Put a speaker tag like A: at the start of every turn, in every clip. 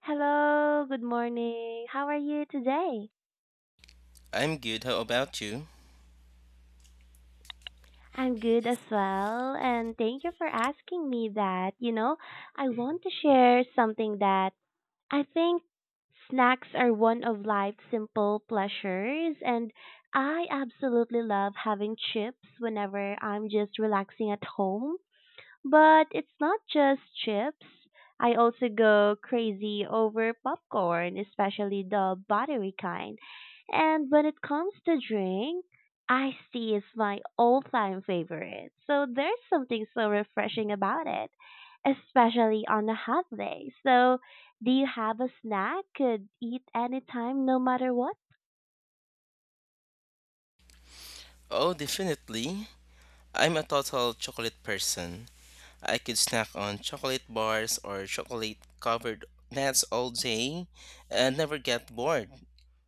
A: Hello, good morning. How are you today?
B: I'm good. How about you?
A: I'm good as well, and thank you for asking me that. You know, I want to share something that I think snacks are one of life's simple pleasures, and I absolutely love having chips whenever I'm just relaxing at home. But it's not just chips. I also go crazy over popcorn, especially the buttery kind. And when it comes to drink, iced tea is my all-time favorite. So there's something so refreshing about it, especially on a hot day. So do you have a snack could eat anytime, no matter what?
B: Oh, definitely. I'm a total chocolate person. I could snack on chocolate bars or chocolate covered nuts all day and never get bored.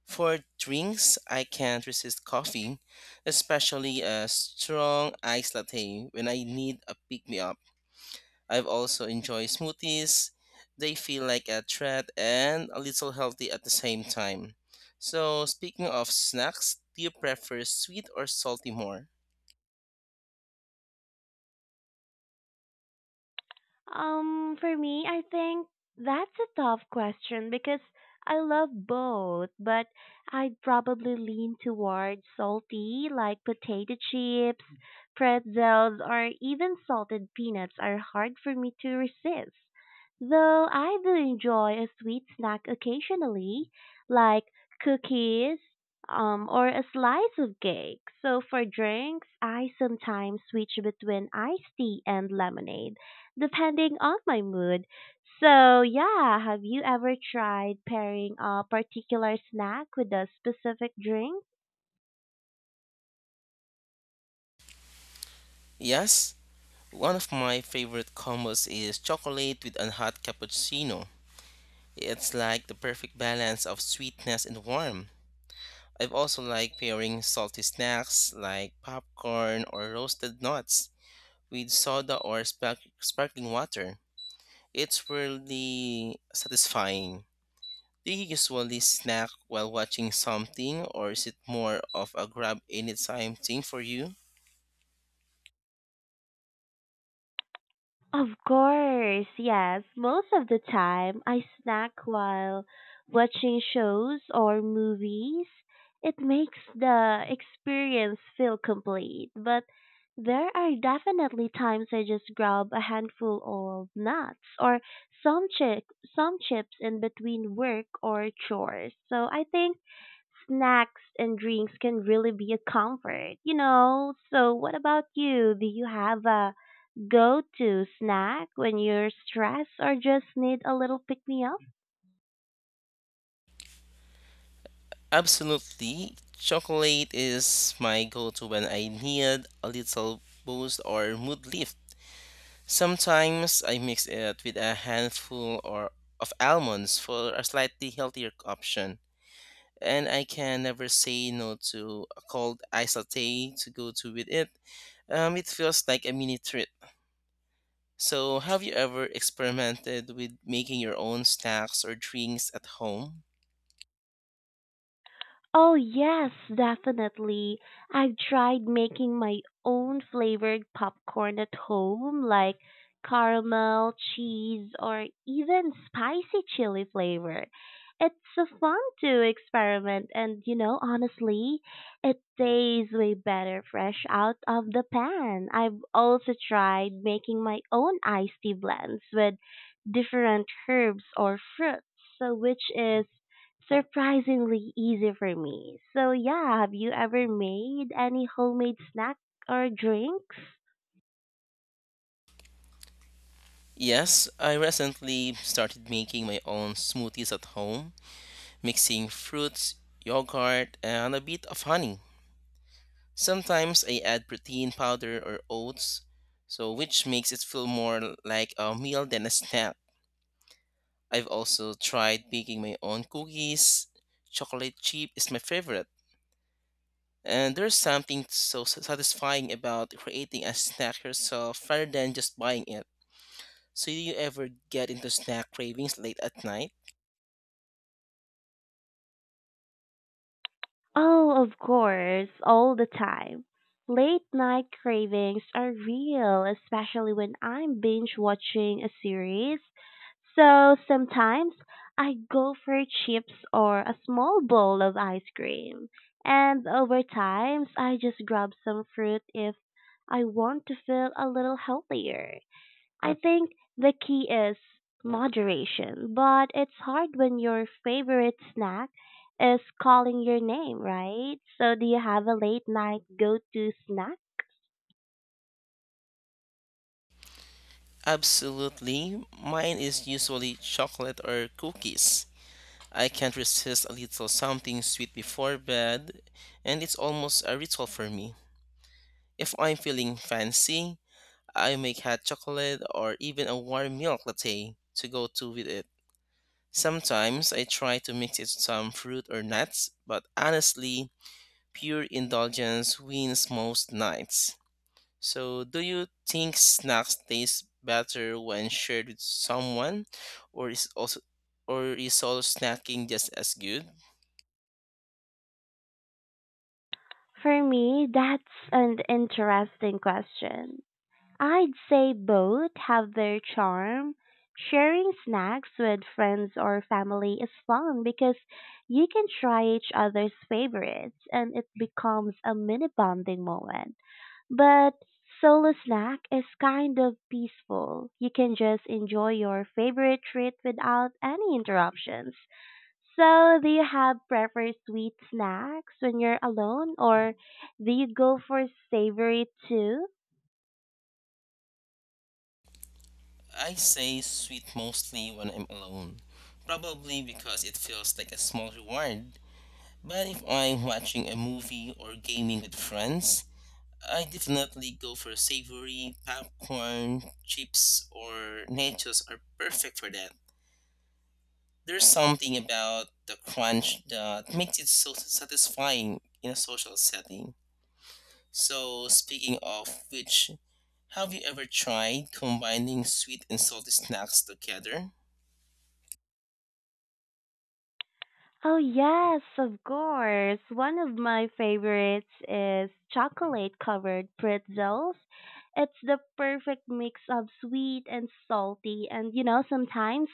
B: For drinks, I can't resist coffee, especially a strong iced latte when I need a pick me up. I've also enjoyed smoothies. They feel like a treat and a little healthy at the same time. So, speaking of snacks, do you prefer sweet or salty more?
A: For me, I think that's a tough question because I love both, but I'd probably lean towards salty, like potato chips, pretzels, or even salted peanuts are hard for me to resist. Though I do enjoy a sweet snack occasionally, like cookies, or a slice of cake. So for drinks, I sometimes switch between iced tea and lemonade depending on my mood. So, yeah, have you ever tried pairing a particular snack with a specific drink?
B: Yes, one of my favorite combos is chocolate with a hot cappuccino. It's like the perfect balance of sweetness and warmth. I've also like pairing salty snacks like popcorn or roasted nuts with soda or sparkling water. It's really satisfying. Do you usually snack while watching something, or is it more of a grab anytime thing for you?
A: Of course, yes. Most of the time, I snack while watching shows or movies. It makes the experience feel complete, but there are definitely times I just grab a handful of nuts or some chip, some chips in between work or chores. So I think snacks and drinks can really be a comfort, So what about you? Do you have a go to snack when you're stressed or just need a little pick me up?
B: Absolutely. Chocolate is my go to when I need a little boost or mood lift. Sometimes I mix it with a handful or of almonds for a slightly healthier option. And I can never say no to a cold ice latte to go to with it. It feels like a mini treat. So, have you ever experimented with making your own snacks or drinks at home?
A: Oh, yes, definitely. I've tried making my own flavored popcorn at home, like caramel, cheese, or even spicy chili flavor. It's so fun to experiment, and you know, honestly, it tastes way better fresh out of the pan. I've also tried making my own iced tea blends with different herbs or fruits, so which is surprisingly easy for me. So yeah, have you ever made any homemade snack or drinks?
B: Yes, I recently started making my own smoothies at home, mixing fruits, yogurt, and a bit of honey. Sometimes I add protein powder or oats, so which makes it feel more like a meal than a snack. I've also tried baking my own cookies. Chocolate chip is my favorite. And there's something so satisfying about creating a snack yourself rather than just buying it. So, do you ever get into snack cravings late at night?
A: Oh, of course, all the time. Late night cravings are real, especially when I'm binge watching a series. So sometimes I go for chips or a small bowl of ice cream. And over times, I just grab some fruit if I want to feel a little healthier. I think the key is moderation, but it's hard when your favorite snack is calling your name, right? So, do you have a late night go to snack?
B: Absolutely. Mine is usually chocolate or cookies. I can't resist a little something sweet before bed, and it's almost a ritual for me. If I'm feeling fancy, I make hot chocolate or even a warm milk latte to go to with it. Sometimes I try to mix it with some fruit or nuts, but honestly, pure indulgence wins most nights. So, do you think snacks taste better when shared with someone, or is also or is solo snacking just as good?
A: For me, that's an interesting question. I'd say both have their charm. Sharing snacks with friends or family is fun because you can try each other's favorites and it becomes a mini bonding moment. But solo snack is kind of peaceful. You can just enjoy your favorite treat without any interruptions. So, do you have preferred sweet snacks when you're alone or do you go for savory too?
B: I say sweet mostly when I'm alone, probably because it feels like a small reward. But if I'm watching a movie or gaming with friends, I definitely go for savory, popcorn, chips, or nachos are perfect for that. There's something about the crunch that makes it so satisfying in a social setting. So, speaking of which, have you ever tried combining sweet and salty snacks together?
A: Oh, yes, of course. One of my favorites is chocolate covered pretzels. It's the perfect mix of sweet and salty, and you know, sometimes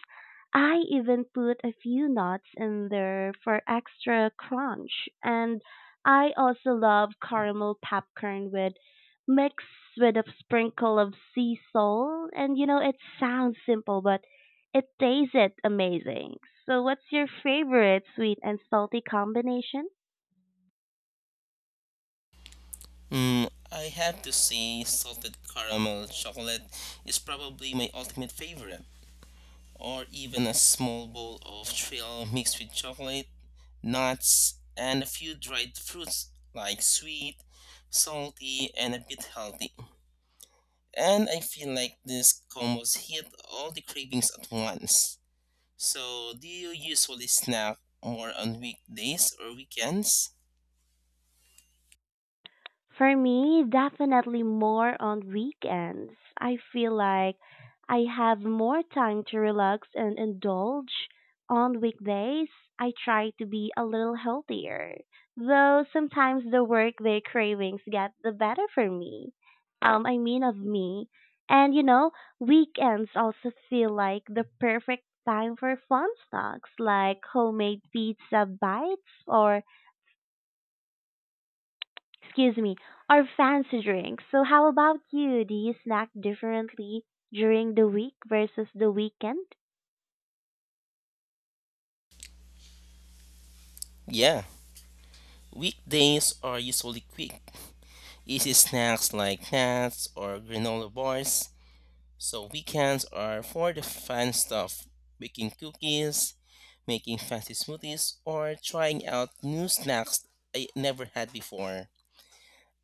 A: I even put a few nuts in there for extra crunch. And I also love caramel popcorn with mixed with a sprinkle of sea salt. And you know, it sounds simple, but it tasted amazing. So, what's your favorite sweet and salty combination?
B: Mm, I have to say, salted caramel chocolate is probably my ultimate favorite, or even a small bowl of trail mixed with chocolate, nuts, and a few dried fruits like sweet, salty, and a bit healthy. And I feel like these combos hit all the cravings at once. So, do you usually snack more on weekdays or weekends?
A: For me, definitely more on weekends. I feel like I have more time to relax and indulge. On weekdays, I try to be a little healthier, though sometimes the workday cravings get the better for me. I mean, of me. And you know, weekends also feel like the perfect time for fun snacks like homemade pizza bites or excuse me, our fancy drinks. So how about you? Do you snack differently during the week versus the weekend?
B: Yeah, weekdays are usually quick, easy snacks like nuts or granola bars. So weekends are for the fun stuff, baking cookies, making fancy smoothies, or trying out new snacks I never had before.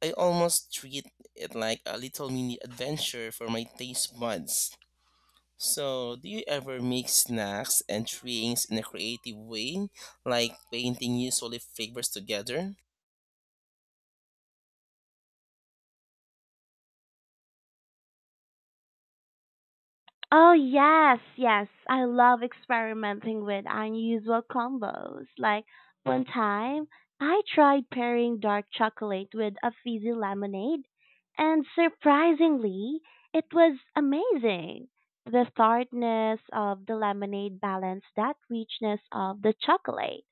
B: I almost treat it like a little mini adventure for my taste buds. So, do you ever make snacks and drinks in a creative way, like painting new solid flavors together?
A: Oh yes. I love experimenting with unusual combos. Like one time, I tried pairing dark chocolate with a fizzy lemonade, and surprisingly, it was amazing. The tartness of the lemonade balanced that richness of the chocolate.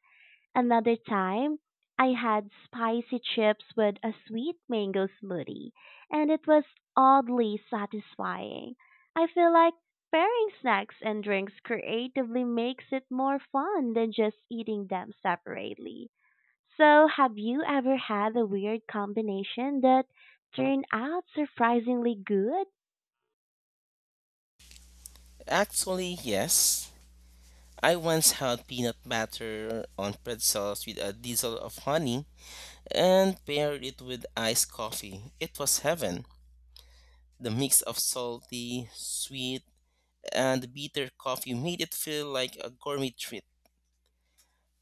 A: Another time, I had spicy chips with a sweet mango smoothie, and it was oddly satisfying. I feel like pairing snacks and drinks creatively makes it more fun than just eating them separately. So, have you ever had a weird combination that turned out surprisingly good?
B: Actually, yes. I once had peanut butter on pretzels with a drizzle of honey and paired it with iced coffee. It was heaven. The mix of salty, sweet, and bitter coffee made it feel like a gourmet treat.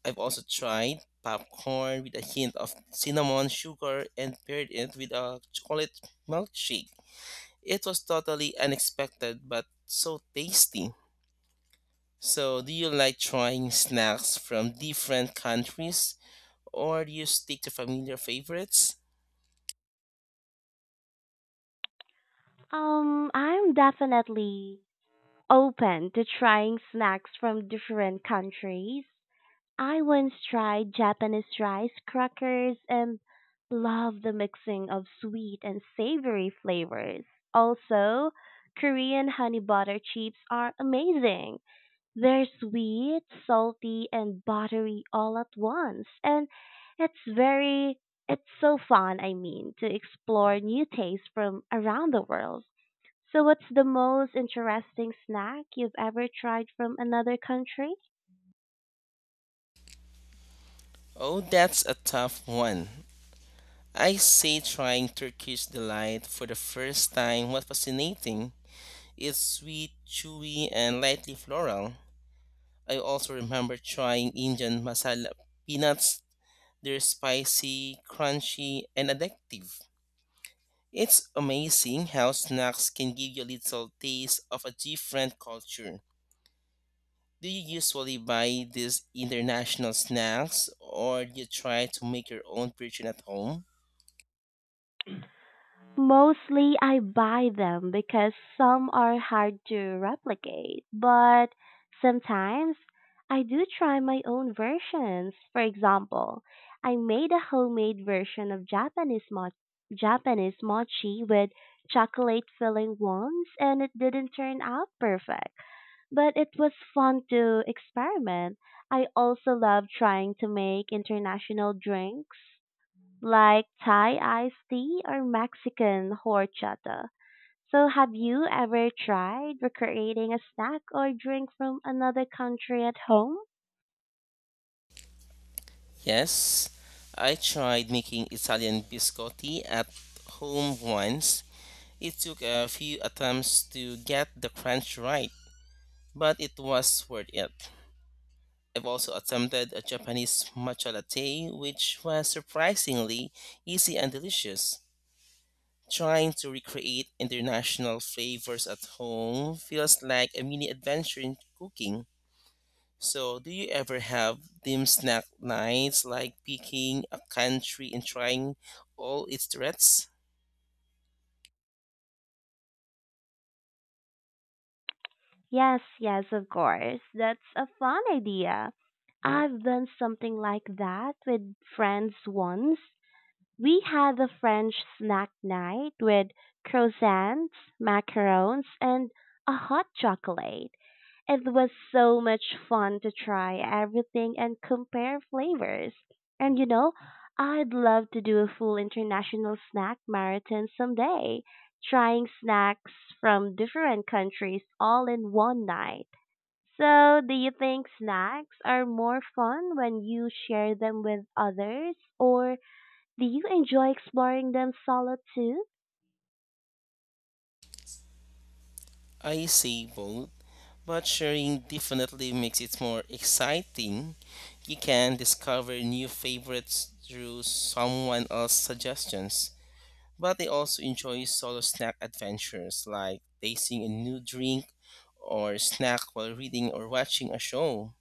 B: I've also tried popcorn with a hint of cinnamon sugar and paired it with a chocolate milkshake. It was totally unexpected but so tasty. So, do you like trying snacks from different countries, or do you stick to familiar favorites?
A: I'm definitely open to trying snacks from different countries. I once tried Japanese rice crackers and loved the mixing of sweet and savory flavors. Also, Korean honey butter chips are amazing. They're sweet, salty, and buttery all at once. And it's very, it's so fun, I mean, to explore new tastes from around the world. So, what's the most interesting snack you've ever tried from another country?
B: Oh, that's a tough one. I say trying Turkish delight for the first time was fascinating. It's sweet, chewy, and lightly floral. I also remember trying Indian masala peanuts. They're spicy, crunchy, and addictive. It's amazing how snacks can give you a little taste of a different culture. Do you usually buy these international snacks or do you try to make your own version at home?
A: Mostly I buy them because some are hard to replicate, but sometimes I do try my own versions. For example, I made a homemade version of Japanese mochi with chocolate filling once and it didn't turn out perfect, but it was fun to experiment. I also love trying to make international drinks like Thai iced tea or Mexican horchata. So, have you ever tried recreating a snack or drink from another country at home?
B: Yes, I tried making Italian biscotti at home once. It took a few attempts to get the crunch right, but it was worth it. I've also attempted a Japanese matcha latte, which was surprisingly easy and delicious. Trying to recreate international flavors at home feels like a mini adventure in cooking. So, do you ever have dim snack nights like picking a country and trying all its threats?
A: Yes, of course. That's a fun idea. I've done something like that with friends once. We had a French snack night with croissants, macarons, and a hot chocolate. It was so much fun to try everything and compare flavors. And you know, I'd love to do a full international snack marathon someday, trying snacks from different countries all in one night. So, do you think snacks are more fun when you share them with others, or do you enjoy exploring them solo too?
B: I say both, but sharing definitely makes it more exciting. You can discover new favorites through someone else's suggestions. But I also enjoy solo snack adventures like tasting a new drink or snack while reading or watching a show.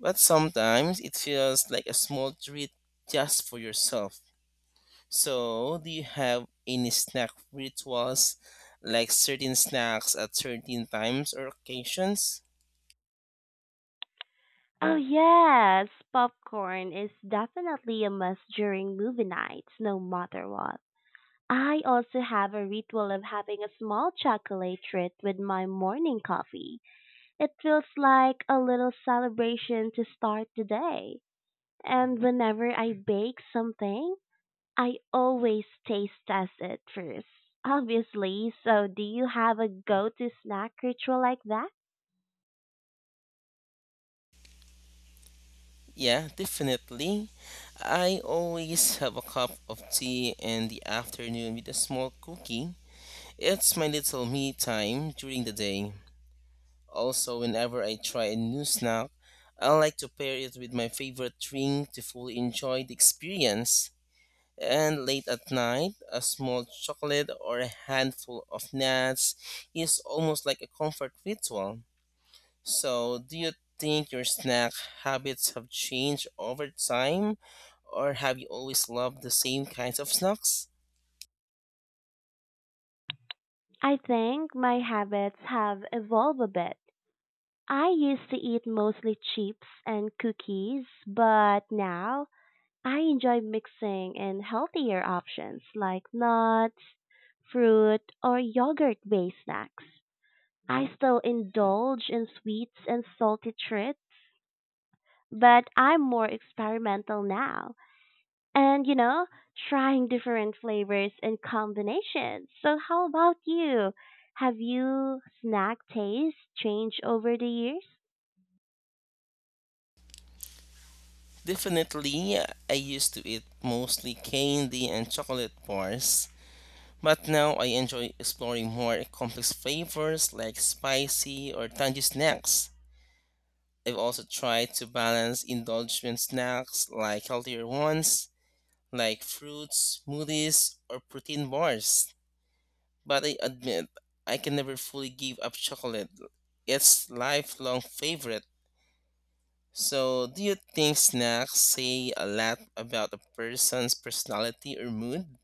B: But sometimes it feels like a small treat just for yourself. So, do you have any snack rituals, like certain snacks at certain times or occasions?
A: Oh yes, popcorn is definitely a must during movie nights, no matter what. I also have a ritual of having a small chocolate treat with my morning coffee. It feels like a little celebration to start the day. And whenever I bake something, I always taste test it first. Obviously, so do you have a go-to snack ritual like that?
B: Yeah, definitely. I always have a cup of tea in the afternoon with a small cookie. It's my little me time during the day. Also, whenever I try a new snack, I like to pair it with my favorite drink to fully enjoy the experience. And late at night, a small chocolate or a handful of nuts is almost like a comfort ritual. So, do you think your snack habits have changed over time, or have you always loved the same kinds of snacks?
A: I think my habits have evolved a bit. I used to eat mostly chips and cookies, but now I enjoy mixing in healthier options like nuts, fruit, or yogurt-based snacks. I still indulge in sweets and salty treats, but I'm more experimental now and, you know, trying different flavors and combinations. So how about you? Have you snack taste changed over the years?
B: Definitely, I used to eat mostly candy and chocolate bars, but now I enjoy exploring more complex flavors like spicy or tangy snacks. I've also tried to balance indulgent snacks like healthier ones, like fruits, smoothies, or protein bars. But I admit, I can never fully give up chocolate. It's lifelong favorite. So, do you think snacks say a lot about a person's personality or mood?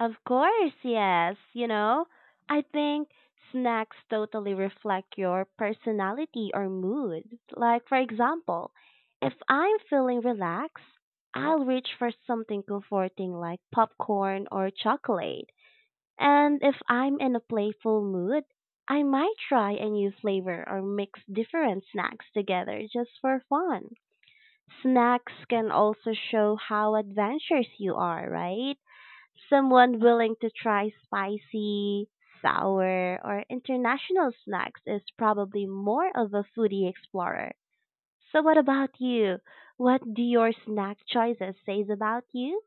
A: Of course, yes. You know, I think snacks totally reflect your personality or mood. Like, for example, if I'm feeling relaxed, I'll reach for something comforting like popcorn or chocolate. And if I'm in a playful mood, I might try a new flavor or mix different snacks together just for fun. Snacks can also show how adventurous you are, right? Someone willing to try spicy, sour, or international snacks is probably more of a foodie explorer. So what about you? What do your snack choices says about you?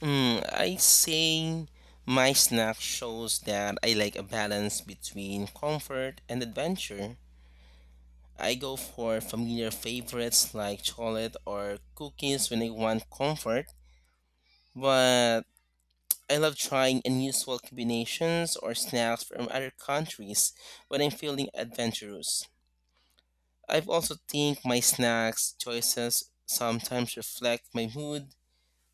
B: Hmm, I say my snack shows that I like a balance between comfort and adventure. I go for familiar favorites like chocolate or cookies when I want comfort, but I love trying unusual combinations or snacks from other countries when I'm feeling adventurous. I have also think my snacks choices sometimes reflect my mood,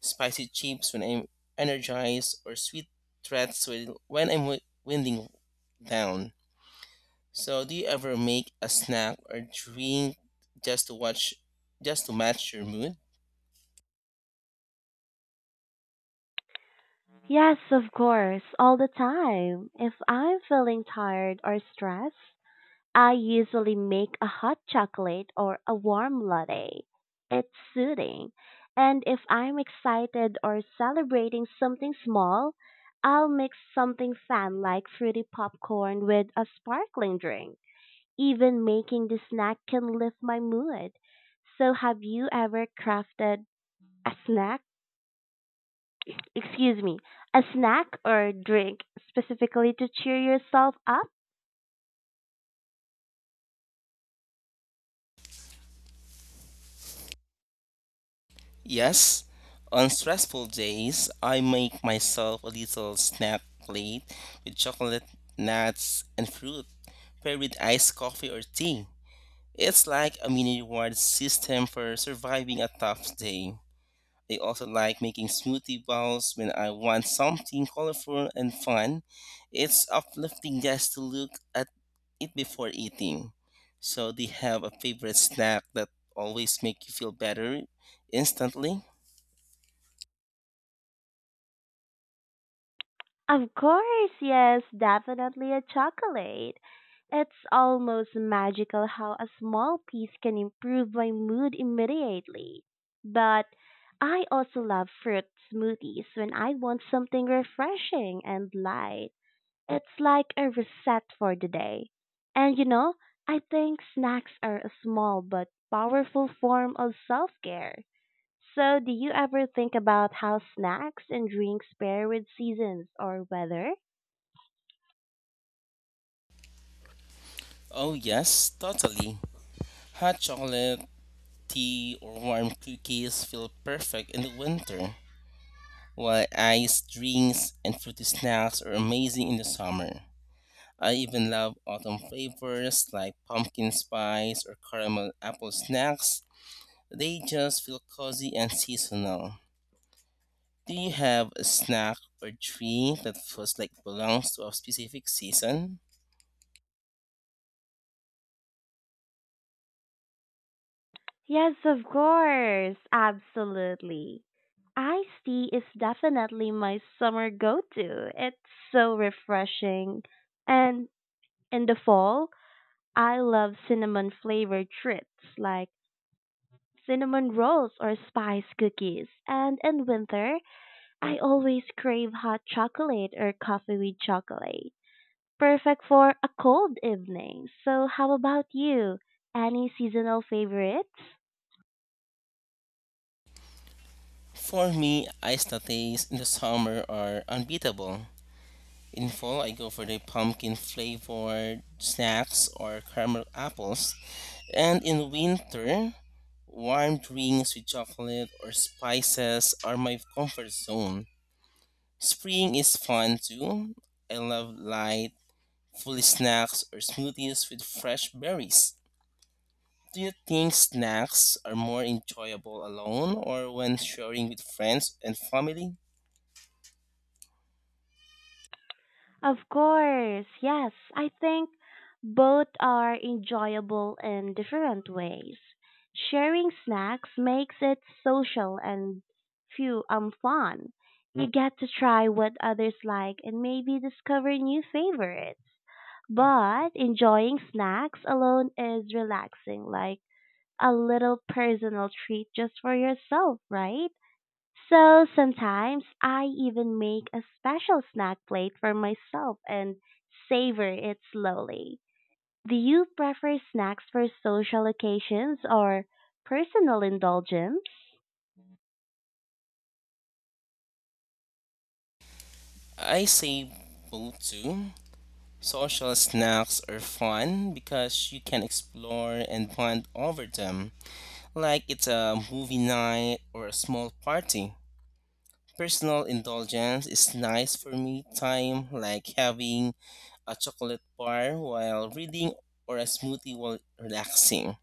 B: spicy chips when I'm energized or sweet treats when I'm winding down. So, do you ever make a snack or drink just to watch just to match your mood?
A: Yes, of course, all the time. If I'm feeling tired or stressed, I usually make a hot chocolate or a warm latte. It's soothing, and if I'm excited or celebrating something small, I'll mix something fun like fruity popcorn with a sparkling drink. Even making the snack can lift my mood. So, have you ever crafted a snack? Excuse me, a snack or drink specifically to cheer yourself up?
B: Yes. On stressful days, I make myself a little snack plate with chocolate, nuts, and fruit, paired with iced coffee or tea. It's like a mini reward system for surviving a tough day. They also like making smoothie bowls when I want something colorful and fun. It's uplifting just to look at it before eating. So do you have a favorite snack that always make you feel better instantly?
A: Of course, yes, definitely a chocolate. It's almost magical how a small piece can improve my mood immediately. But I also love fruit smoothies when I want something refreshing and light. It's like a reset for the day. And you know, I think snacks are a small but powerful form of self care. So, do you ever think about how snacks and drinks pair with seasons or weather?
B: Oh yes, totally. Hot chocolate, tea, or warm cookies feel perfect in the winter, while iced drinks and fruity snacks are amazing in the summer. I even love autumn flavors like pumpkin spice or caramel apple snacks. They just feel cozy and seasonal. Do you have a snack or treat that feels like belongs to a specific season?
A: Yes, of course. Absolutely. Iced tea is definitely my summer go to. It's so refreshing. And in the fall, I love cinnamon flavored treats like cinnamon rolls or spice cookies. And in winter, I always crave hot chocolate or coffee with chocolate. Perfect for a cold evening. So, how about you? Any seasonal favorites?
B: For me, iced lattes in the summer are unbeatable. In fall, I go for the pumpkin flavored snacks or caramel apples. And in winter, warm drinks with chocolate or spices are my comfort zone. Spring is fun too. I love light, fully snacks or smoothies with fresh berries. Do you think snacks are more enjoyable alone or when sharing with friends and family?
A: Of course, yes. I think both are enjoyable in different ways. Sharing snacks makes it social and few fun. You get to try what others like and maybe discover new favorites. But enjoying snacks alone is relaxing, like a little personal treat just for yourself, right? So sometimes I even make a special snack plate for myself and savor it slowly. Do you prefer snacks for social occasions or personal indulgence?
B: I say both too. Social snacks are fun because you can explore and bond over them, like it's a movie night or a small party. Personal indulgence is nice for me time, like having a chocolate bar while reading or a smoothie while relaxing.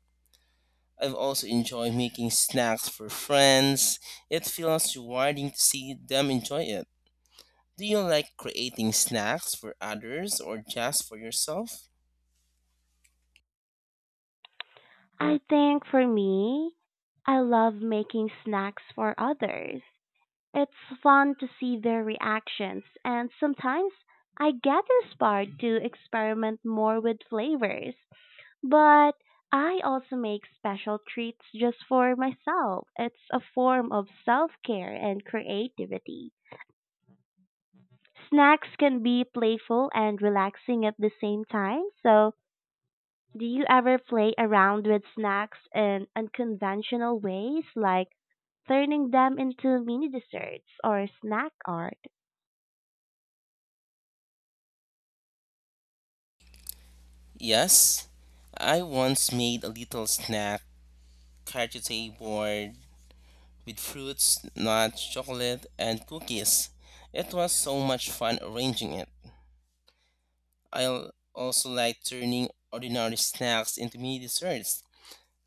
B: I've also enjoyed making snacks for friends. It feels rewarding to see them enjoy it. Do you like creating snacks for others or just for yourself?
A: I think for me, I love making snacks for others. It's fun to see their reactions, and sometimes I get inspired to experiment more with flavors. But I also make special treats just for myself. It's a form of self care and creativity. Snacks can be playful and relaxing at the same time. So, do you ever play around with snacks in unconventional ways, like turning them into mini desserts or snack art?
B: Yes, I once made a little snack charcuterie board with fruits, nuts, chocolate, and cookies. It was so much fun arranging it. I also like turning ordinary snacks into mini desserts,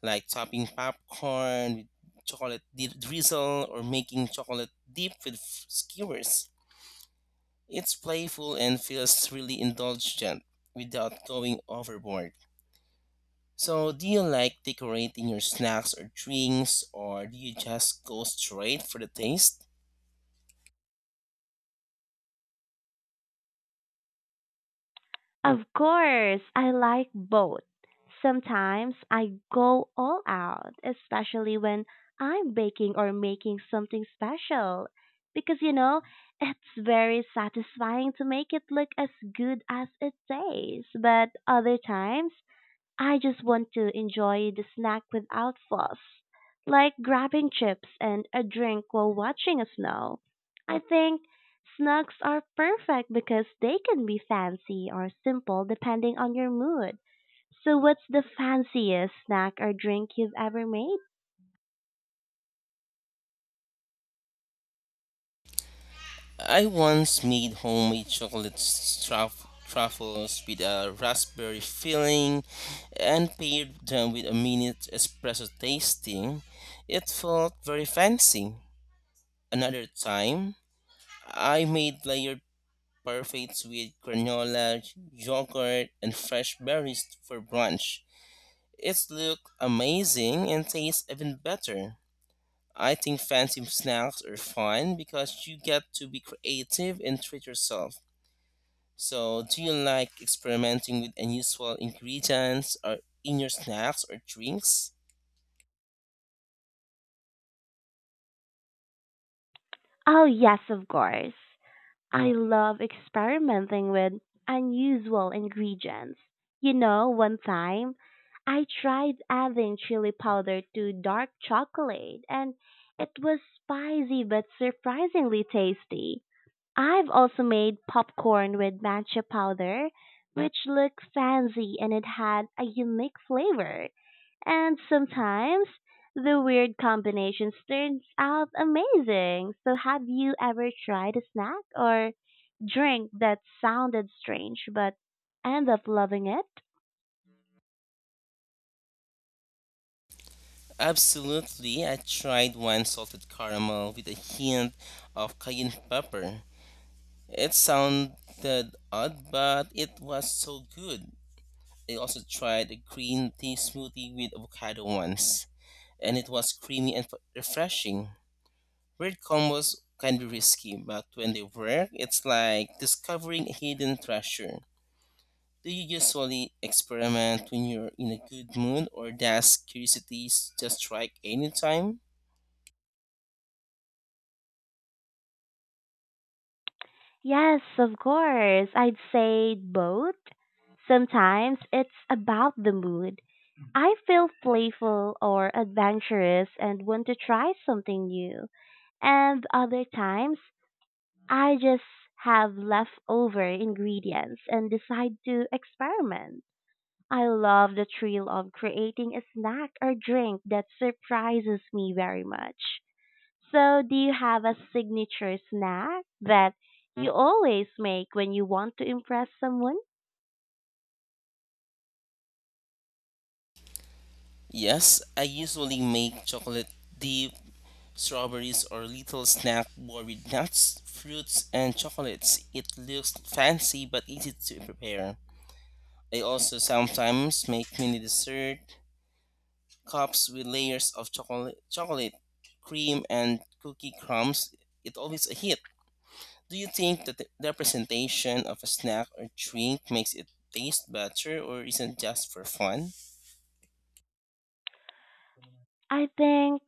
B: like topping popcorn with chocolate drizzle or making chocolate dip with skewers. It's playful and feels really indulgent without going overboard. So, do you like decorating your snacks or drinks, or do you just go straight for the taste?
A: Of course, I like both. Sometimes I go all out, especially when I'm baking or making something special. Because, you know, it's very satisfying to make it look as good as it tastes. But other times, I just want to enjoy the snack without fuss, like grabbing chips and a drink while watching a snow. I think snacks are perfect because they can be fancy or simple depending on your mood. So, what's the fanciest snack or drink you've ever made?
B: I once made homemade chocolate truffles with a raspberry filling and paired them with a minute espresso tasting. It felt very fancy. Another time, I made layered parfaits with granola, yogurt, and fresh berries for brunch. It looked amazing and tastes even better. I think fancy snacks are fun because you get to be creative and treat yourself. So, do you like experimenting with unusual ingredients or in your snacks or drinks?
A: Oh, yes, of course. I love experimenting with unusual ingredients. You know, one time I tried adding chili powder to dark chocolate and it was spicy but surprisingly tasty. I've also made popcorn with matcha powder, which looked fancy and it had a unique flavor. And sometimes the weird combinations turns out amazing. So have you ever tried a snack or drink that sounded strange but end up loving it?
B: Absolutely. I tried one salted caramel with a hint of cayenne pepper. It sounded odd, but it was so good. I also tried a green tea smoothie with avocado once and it was creamy and refreshing. Weird combos can be risky, but when they work, it's like discovering a hidden treasure. Do you usually experiment when you're in a good mood, or does curiosity just strike anytime?
A: Yes, of course. I'd say both. Sometimes it's about the mood. I feel playful or adventurous and want to try something new. And other times, I just have leftover ingredients and decide to experiment. I love the thrill of creating a snack or drink that surprises me very much. So, do you have a signature snack that you always make when you want to impress someone?
B: Yes, I usually make chocolate dip, strawberries, or little snack bar with nuts, fruits, and chocolates. It looks fancy but easy to prepare. I also sometimes make mini dessert cups with layers of chocolate, chocolate cream, and cookie crumbs. It's always a hit. Do you think that the representation of a snack or drink makes it taste better or isn't just for fun?
A: I think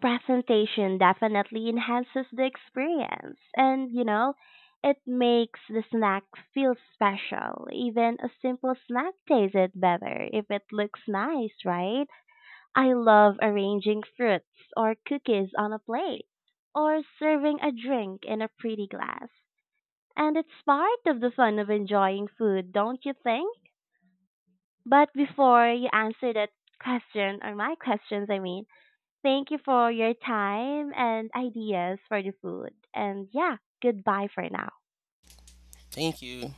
A: presentation definitely enhances the experience, and you know, it makes the snack feel special. Even a simple snack tastes better if it looks nice, right? I love arranging fruits or cookies on a plate or serving a drink in a pretty glass, and it's part of the fun of enjoying food, don't you think? But before you answer that question or my questions, I mean, thank you for your time and ideas for the food. And yeah, goodbye for now.
B: Thank you.